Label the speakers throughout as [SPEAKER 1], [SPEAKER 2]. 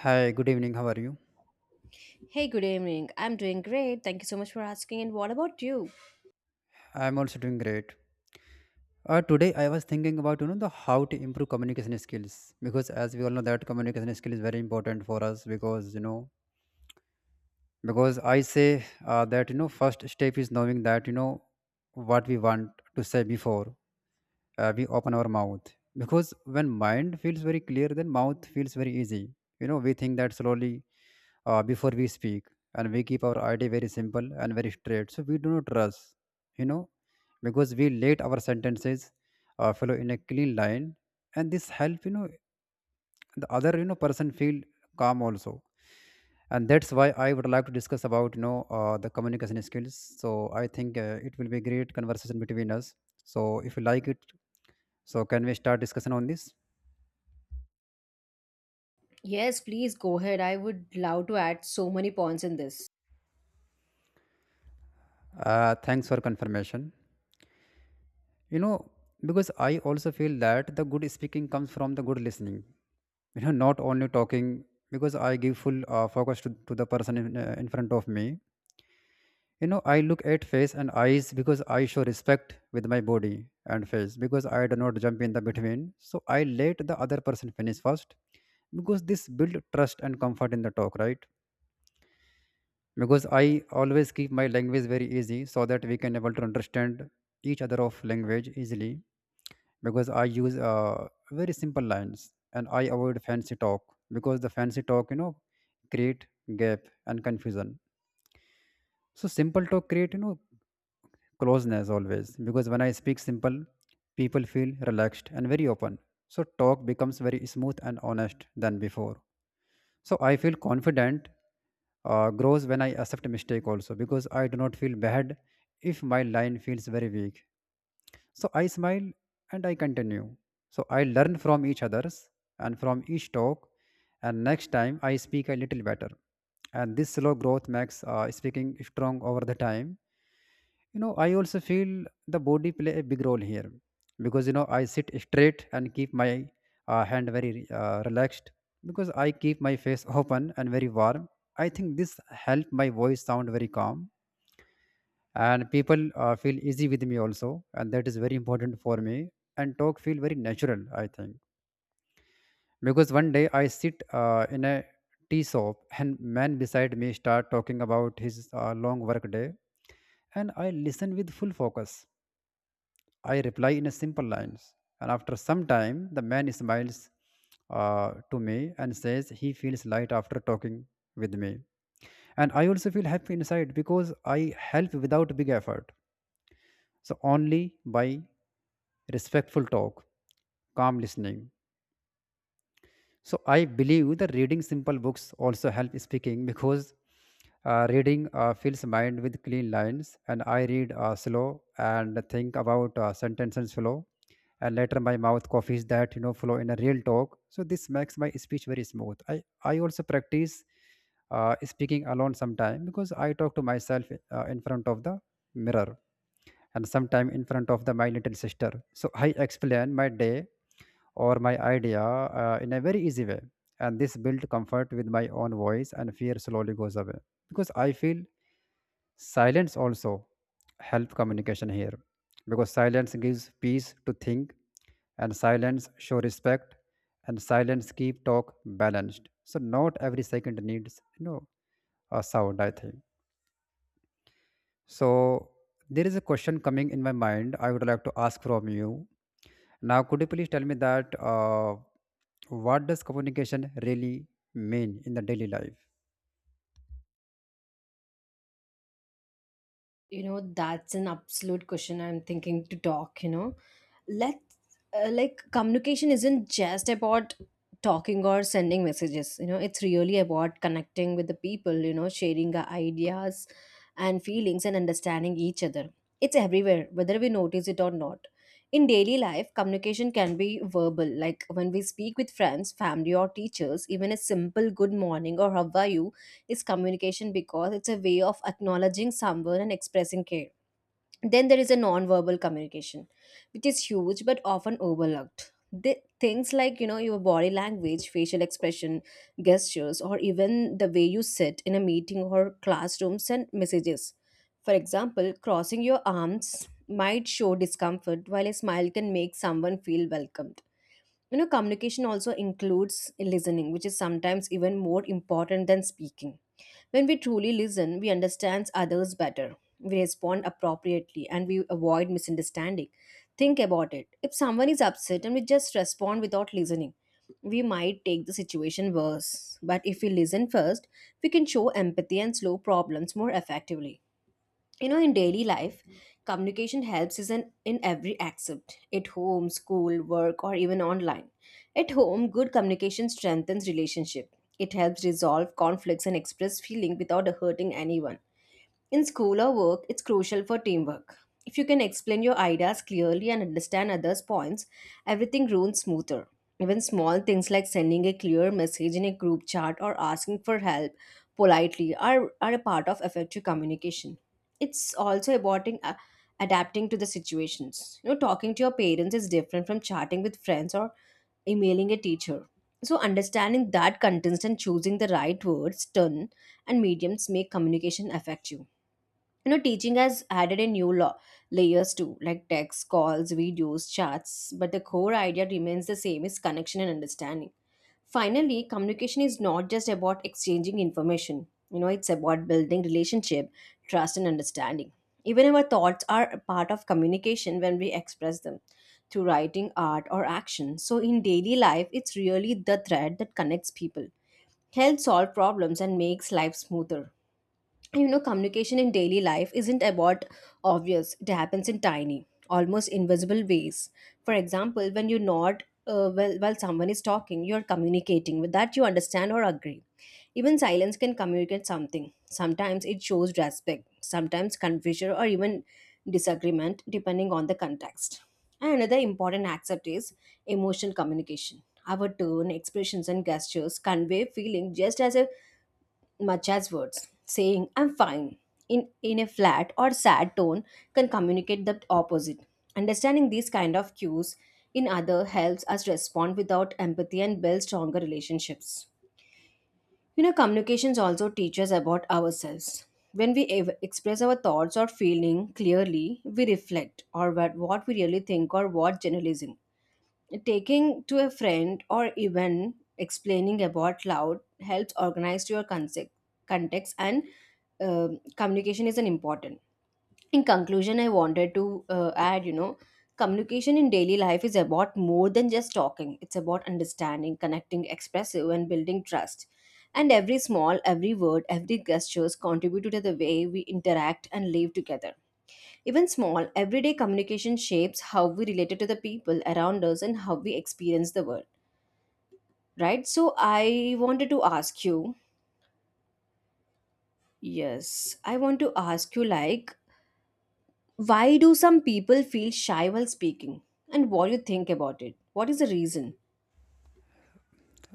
[SPEAKER 1] Hi, good evening. How are you?
[SPEAKER 2] Hey, good evening. I'm doing great. Thank you so much for asking. And what about you?
[SPEAKER 1] I'm also doing great. Today I was thinking about you know the how to improve communication skills because as we all know that communication skill is very important for us. Because you know because I say that first step is knowing that you know what we want to say before we open our mouth, because when mind feels very clear then mouth feels very easy. We think that slowly before we speak, and we keep our idea very simple and very straight so we do not rush, you know because we let our sentences follow in a clean line, and this help the other person feel calm also. And that's why I would like to discuss about the communication skills. So I think it will be a great conversation between us. So if you like it, so can we start discussion on this?
[SPEAKER 2] Yes, please go ahead. I would love to add so many points in this.
[SPEAKER 1] Thanks for confirmation. You know, because I also feel that the good speaking comes from the good listening. You know, not only talking. Because I give full focus to the person in front of me. You know, I look at face and eyes because I show respect with my body and face, because I do not jump in the between. So I let the other person finish first, because this build trust and comfort in the talk, right? Because I always keep my language very easy so that we can able to understand each other of language easily. Because I use very simple lines, and I avoid fancy talk, because the fancy talk create gap and confusion. So simple talk create closeness always, because when I speak simple, people feel relaxed and very open, so talk becomes very smooth and honest than before. So I feel confident grows when I accept mistake also, because I do not feel bad if my line feels very weak. So I smile and I continue. So I learn from each others and from each talk, and next time I speak a little better. And this slow growth makes speaking strong over the time. I also feel the body play a big role here, because I sit straight and keep my hand very relaxed, because I keep my face open and very warm. I think this help my voice sound very calm and people feel easy with me also, and that is very important for me, and talk feel very natural, I think. Because one day I sit in a tea shop and man beside me start talking about his long work day, and I listen with full focus. I reply in a simple lines. And after some time, the man smiles to me and says he feels light after talking with me. And I also feel happy inside because I help without big effort. So only by respectful talk, calm listening, so I believe that reading simple books also help speaking, because reading fills mind with clean lines, and I read slow and think about sentences flow, and later my mouth coffees that flow in a real talk. So this makes my speech very smooth. I also practice speaking alone sometime, because I talk to myself in front of the mirror and sometime in front of the my little sister. So I explain my day or my idea in a very easy way, and this built comfort with my own voice and fear slowly goes away. Because I feel silence also help communication here, because silence gives peace to think, and silence show respect, and silence keep talk balanced, so not every second needs a sound, I think. So there is a question coming in my mind I would like to ask from you now. Could you please tell me that what does communication really mean in the daily life?
[SPEAKER 2] You know, that's an absolute question. I'm thinking to talk, you know, let's like, communication isn't just about talking or sending messages, you know. It's really about connecting with the people, you know, sharing our ideas and feelings and understanding each other. It's everywhere, whether we notice it or not. In daily life, communication can be verbal, like when we speak with friends, family, or teachers. Even a simple good morning or how are you is communication, because it's a way of acknowledging someone and expressing care. Then there is a non-verbal communication, which is huge but often overlooked. The things like, you know, your body language, facial expression, gestures, or even the way you sit in a meeting or classroom send messages. For example, crossing your arms might show discomfort, while a smile can make someone feel welcomed. You know, communication also includes listening, which is sometimes even more important than speaking. When we truly listen, we understand others better. We respond appropriately and we avoid misunderstanding. Think about it. If someone is upset and we just respond without listening, we might take the situation worse. But if we listen first, we can show empathy and slow problems more effectively. You know, in daily life, communication helps is in every aspect, at home, school, work, or even online. At home, good communication strengthens relationship. It helps resolve conflicts and express feeling without hurting anyone. In school or work, it's crucial for teamwork. If you can explain your ideas clearly and understand others' points, everything runs smoother. Even small things like sending a clear message in a group chat or asking for help politely are a part of effective communication. It's also about adapting to the situations. You know, talking to your parents is different from chatting with friends or emailing a teacher. So, understanding that context and choosing the right words, tone, and mediums make communication effective. You know, teaching has added a new law, layers too, like text, calls, videos, chats, but the core idea remains the same, is connection and understanding. Finally, communication is not just about exchanging information, you know. It's about building relationship, trust, and understanding. Even our thoughts are a part of communication when we express them through writing, art, or action. So in daily life, it's really the thread that connects people, helps solve problems, and makes life smoother. You know, communication in daily life isn't about obvious. It happens in tiny, almost invisible ways. For example, when you nod while someone is talking, you're communicating with that you understand or agree. Even silence can communicate something. Sometimes it shows respect, sometimes confusion, or even disagreement, depending on the context. And another important aspect is emotional communication. Our tone, expressions, and gestures convey feeling just as a much as words. Saying I'm fine in a flat or sad tone can communicate the opposite. Understanding these kind of cues in other helps us respond without empathy and build stronger relationships. You know, communications also teach us about ourselves. When we express our thoughts or feeling clearly, we reflect or what we really think or what generalizing. Taking to a friend or even explaining about loud helps organize your concept, context, and communication is an important. In conclusion, I wanted to add, you know, communication in daily life is about more than just talking. It's about understanding, connecting, expressive, and building trust. And every small, every word, every gestures contribute to the way we interact and live together. Even small, everyday communication shapes how we related to the people around us and how we experience the world, right? So, I wanted to ask you, yes, I want to ask you, like, why do some people feel shy while speaking? And what do you think about it? What is the reason?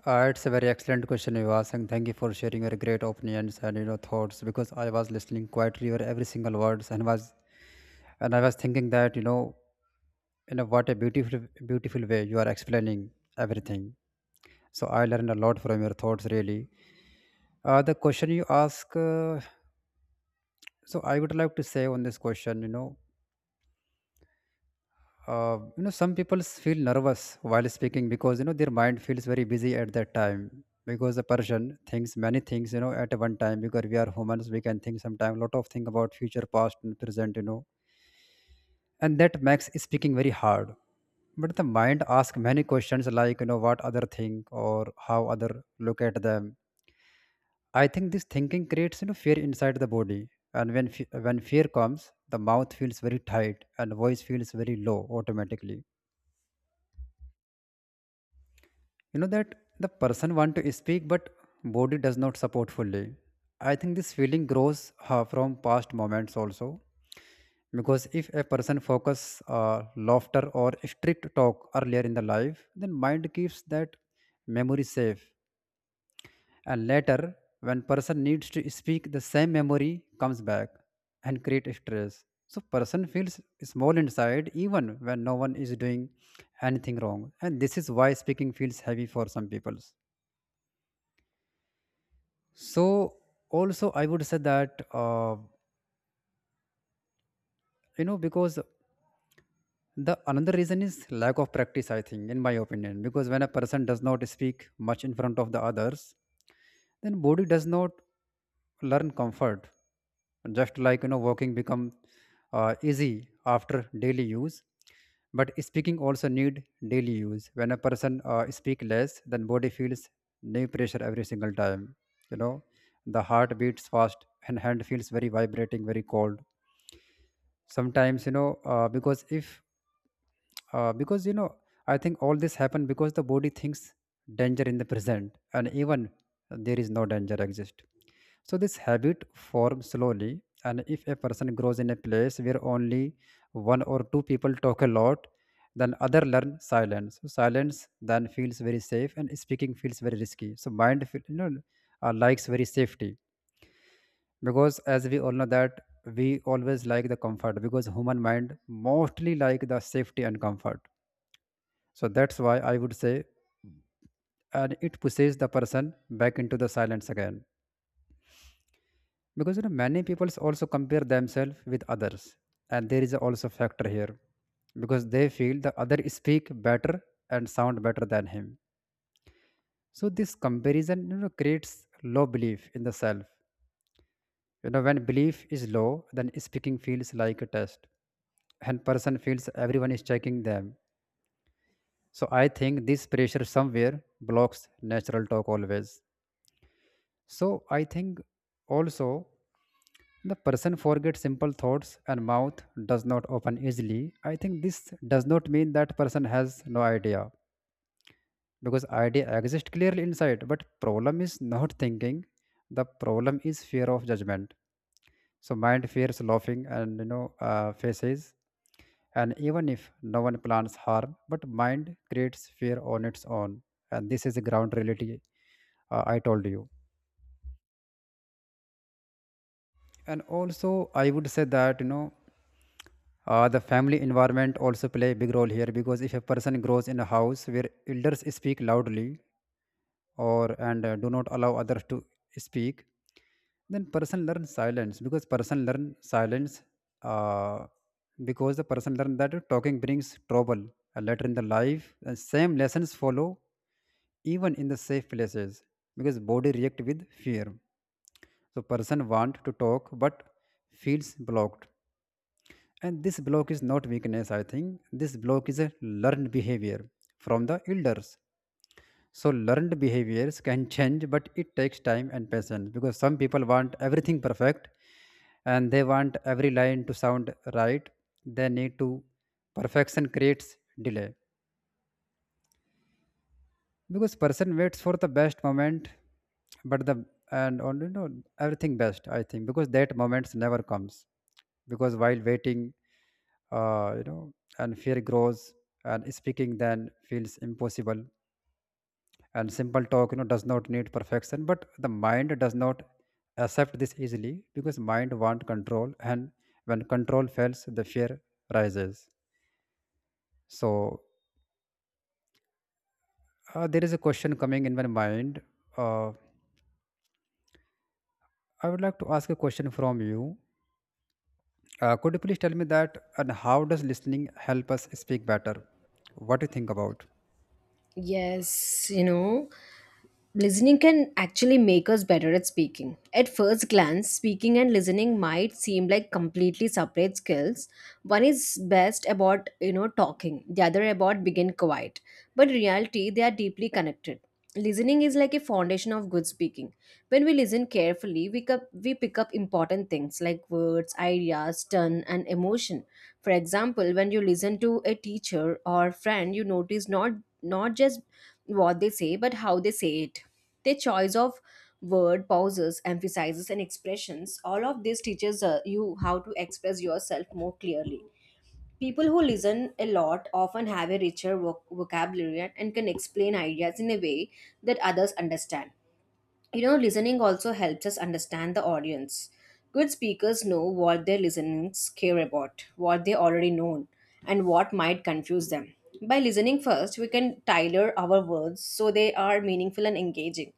[SPEAKER 1] It's a very excellent question you asked, and thank you for sharing your great opinions and thoughts. Because I was listening quietly your every single words, and I was thinking that what a beautiful way you are explaining everything. So I learned a lot from your thoughts really. The question you ask, So I would like to say on this question. Some people feel nervous while speaking, because their mind feels very busy at that time, because the person thinks many things at one time. Because we are humans, we can think sometime lot of thing about future, past and present, and that makes speaking very hard. But the mind asks many questions, like what other think or how other look at them. I think this thinking creates fear inside the body, and when fear comes, the mouth feels very tight and voice feels very low automatically. You know that The person want to speak, but body does not support fully. I think this feeling grows from past moments also, because if a person focus uh, laughter or strict talk earlier in the life, then mind keeps that memory safe, and later when person needs to speak, the same memory comes back and create stress. So person feels small inside even when no one is doing anything wrong, and this is why speaking feels heavy for some people. So also I would say that because the another reason is lack of practice, I think, in my opinion. Because when a person does not speak much in front of the others, then body does not learn comfort. Just like walking become easy after daily use, but speaking also need daily use. When a person speak less, then body feels new pressure every single time. you know the heart beats fast and hand feels very vibrating, very cold sometimes. You know because if because you know I think all this happened because the body thinks danger in the present, and even there is no danger exist. So this habit forms slowly. And if a person grows in a place where only one or two people talk a lot, then other learn silence. So silence then feels very safe and speaking feels very risky, so mind feel, you know, likes very safety. Because as we all know that we always like the comfort, because human mind mostly like the safety and comfort. So that's why I would say, and it pushes the person back into the silence again. Because you know, many people also compare themselves with others, and there is also factor here, because they feel the other speak better and sound better than him. So this comparison, you know, creates low belief in the self. You know, when belief is low, then speaking feels like a test, and person feels everyone is checking them. So I think this pressure somewhere blocks natural talk always. So I think also the person forgets simple thoughts and mouth does not open easily. I think this does not mean that person has no idea, because idea exists clearly inside, but problem is not thinking. The problem is fear of judgment. So mind fears laughing and faces, and even if no one plans harm, but mind creates fear on its own, and this is a ground reality I told you. And also I would say that the family environment also play a big role here. Because if a person grows in a house where elders speak loudly or and do not allow others to speak, then person learn silence. Silence uh, because the person learn that talking brings trouble later in the life, and same lessons follow even in the safe places, because body react with fear. So person want to talk but feels blocked, and this block is not weakness. I think this block is a learned behavior from the elders. So learned behaviors can change, but it takes time and patience, because some people want everything perfect and they want every line to sound right. they need to Perfection creates delay, because person waits for the best moment. But the and on you know everything best I think because that moment never comes, because while waiting, uh, you know and fear grows and speaking then feels impossible. And simple talk, you know, does not need perfection, but the mind does not accept this easily, because mind want control, and when control fails, the fear rises. So there is a question coming in my mind. uh, I would like to ask a question from you. Could you please tell me that and how does listening help us speak better? What do you think about?
[SPEAKER 2] Yes, you know, listening can actually make us better at speaking. At first glance, speaking and listening might seem like completely separate skills. One is best about, you know, talking, the other about begin quiet. But in reality, they are deeply connected. Listening is like a foundation of good speaking. When we listen carefully, we, cup, we pick up important things like words, ideas, tone, and emotion. For example, when you listen to a teacher or friend, you notice not just what they say, but how they say it. Their choice of word, pauses, emphasizes, and expressions, all of this teaches you how to express yourself more clearly. People who listen a lot often have a richer vocabulary and can explain ideas in a way that others understand. You know, listening also helps us understand the audience. Good speakers know what their listeners care about, what they already know, and what might confuse them. By listening first, we can tailor our words so they are meaningful and engaging.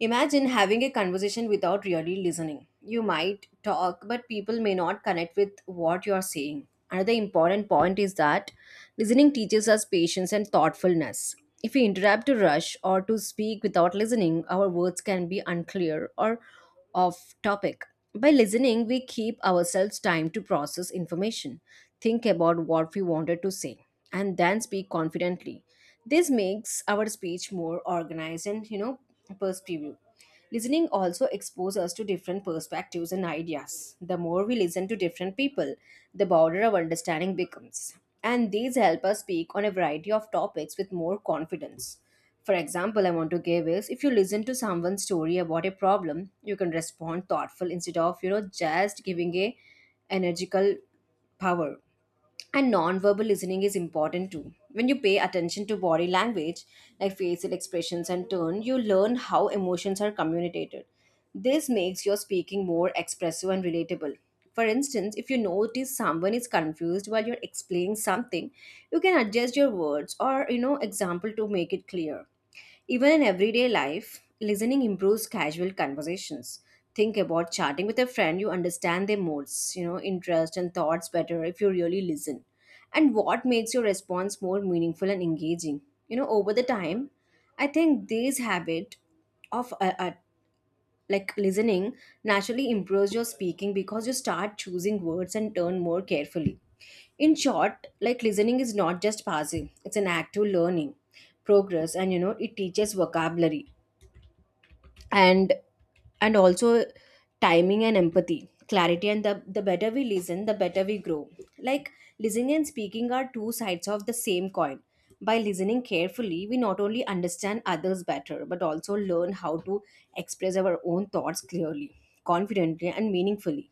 [SPEAKER 2] Imagine having a conversation without really listening. You might talk, but people may not connect with what you're saying. Another important point is that listening teaches us patience and thoughtfulness. If we interrupt to rush or to speak without listening, our words can be unclear or of topic. By listening, we keep ourselves time to process information, think about what we wanted to say, and then speak confidently. This makes our speech more organized and, you know, perspective. Listening also exposes us to different perspectives and ideas. The more we listen to different people, the broader our understanding becomes. And these help us speak on a variety of topics with more confidence. For example, I want to give is if you listen to someone's story about a problem, you can respond thoughtful instead of, you know, just giving a energical power. And non-verbal listening is important too. When you pay attention to body language, like facial expressions and tone, you learn how emotions are communicated. This makes your speaking more expressive and relatable. For instance, if you notice someone is confused while you're explaining something, you can adjust your words or, you know, example to make it clear. Even in everyday life, listening improves casual conversations. Think about chatting with a friend, you understand their moods, you know, interests and thoughts better if you really listen. And what makes your response more meaningful and engaging? You know, over the time, I think this habit of like, listening naturally improves your speaking because you start choosing words and turn more carefully. In short, like, listening is not just passive, it's an act of learning, progress, and, you know, it teaches vocabulary and and also timing and empathy, clarity, and the better we listen, the better we grow. Like, listening and speaking are two sides of the same coin. By listening carefully, we not only understand others better but also learn how to express our own thoughts clearly, confidently, and meaningfully.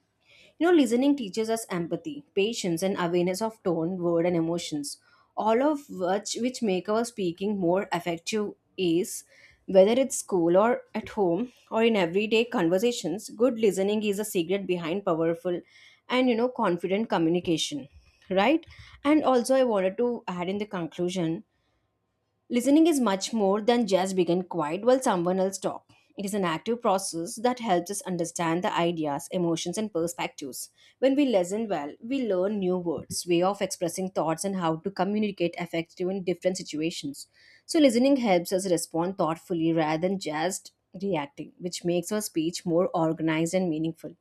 [SPEAKER 2] You know, listening teaches us empathy, patience, and awareness of tone, word, and emotions, all of which make our speaking more effective is whether it's school or at home or in everyday conversations. Good listening is a secret behind powerful and, you know, confident communication. Right? And also I wanted to add in the conclusion, listening is much more than just being quiet while someone else talks. It is an active process that helps us understand the ideas, emotions, and perspectives. When we listen well, we learn new words, way of expressing thoughts, and how to communicate effectively in different situations. So, listening helps us respond thoughtfully rather than just reacting, which makes our speech more organized and meaningful.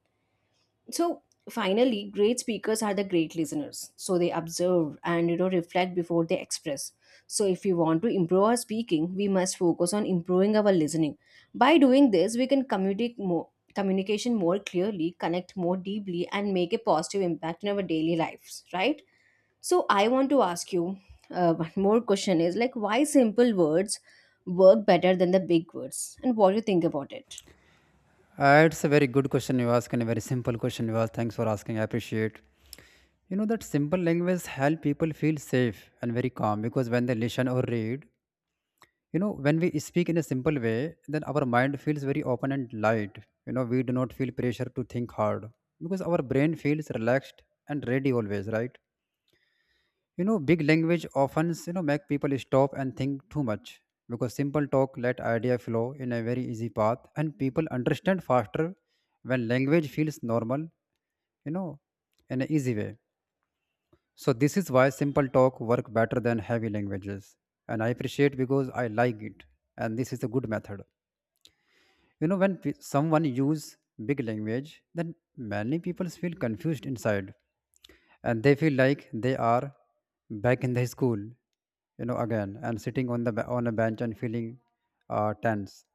[SPEAKER 2] So finally, great speakers are the great listeners. So they observe and, you know, reflect before they express. So if we want to improve our speaking, we must focus on improving our listening. By doing this, we can communicate more communication more clearly, connect more deeply, and make a positive impact in our daily lives, right? So I want to ask you one more question is like, why simple words work better than the big words, and what do you think about it?
[SPEAKER 1] It's a very good question you ask, and a very simple question you ask. Thanks for asking. I appreciate. You know that simple language help people feel safe and very calm, because when they listen or read, you know, when we speak in a simple way, then our mind feels very open and light. You know, we do not feel pressure to think hard, because our brain feels relaxed and ready always, right? Big language often make people stop and think too much, because simple talk let idea flow in a very easy path, and people understand faster when language feels normal, you know in an easy way. So this is why simple talk work better than heavy languages, and I appreciate because I like it, and this is a good method. You know, when someone use big language, then many people feel confused inside, and they feel like they are back in the school again and sitting on a bench and feeling tense.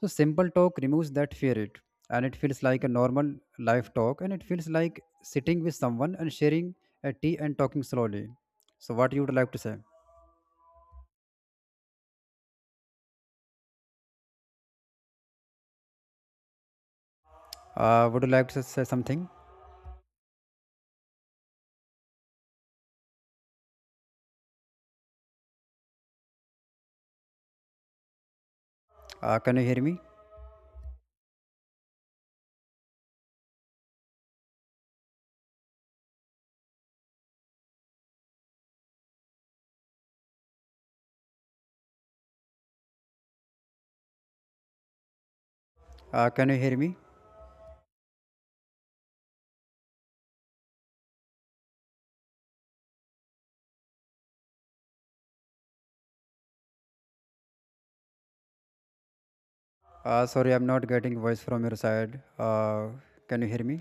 [SPEAKER 1] So simple talk removes that fear, it and it feels like a normal life talk, and it feels like sitting with someone and sharing a tea and talking slowly. So what you would like to say? Would you like to say something? Can you hear me? Can you hear me? Sorry, I'm not getting voice from your side. Can you hear me?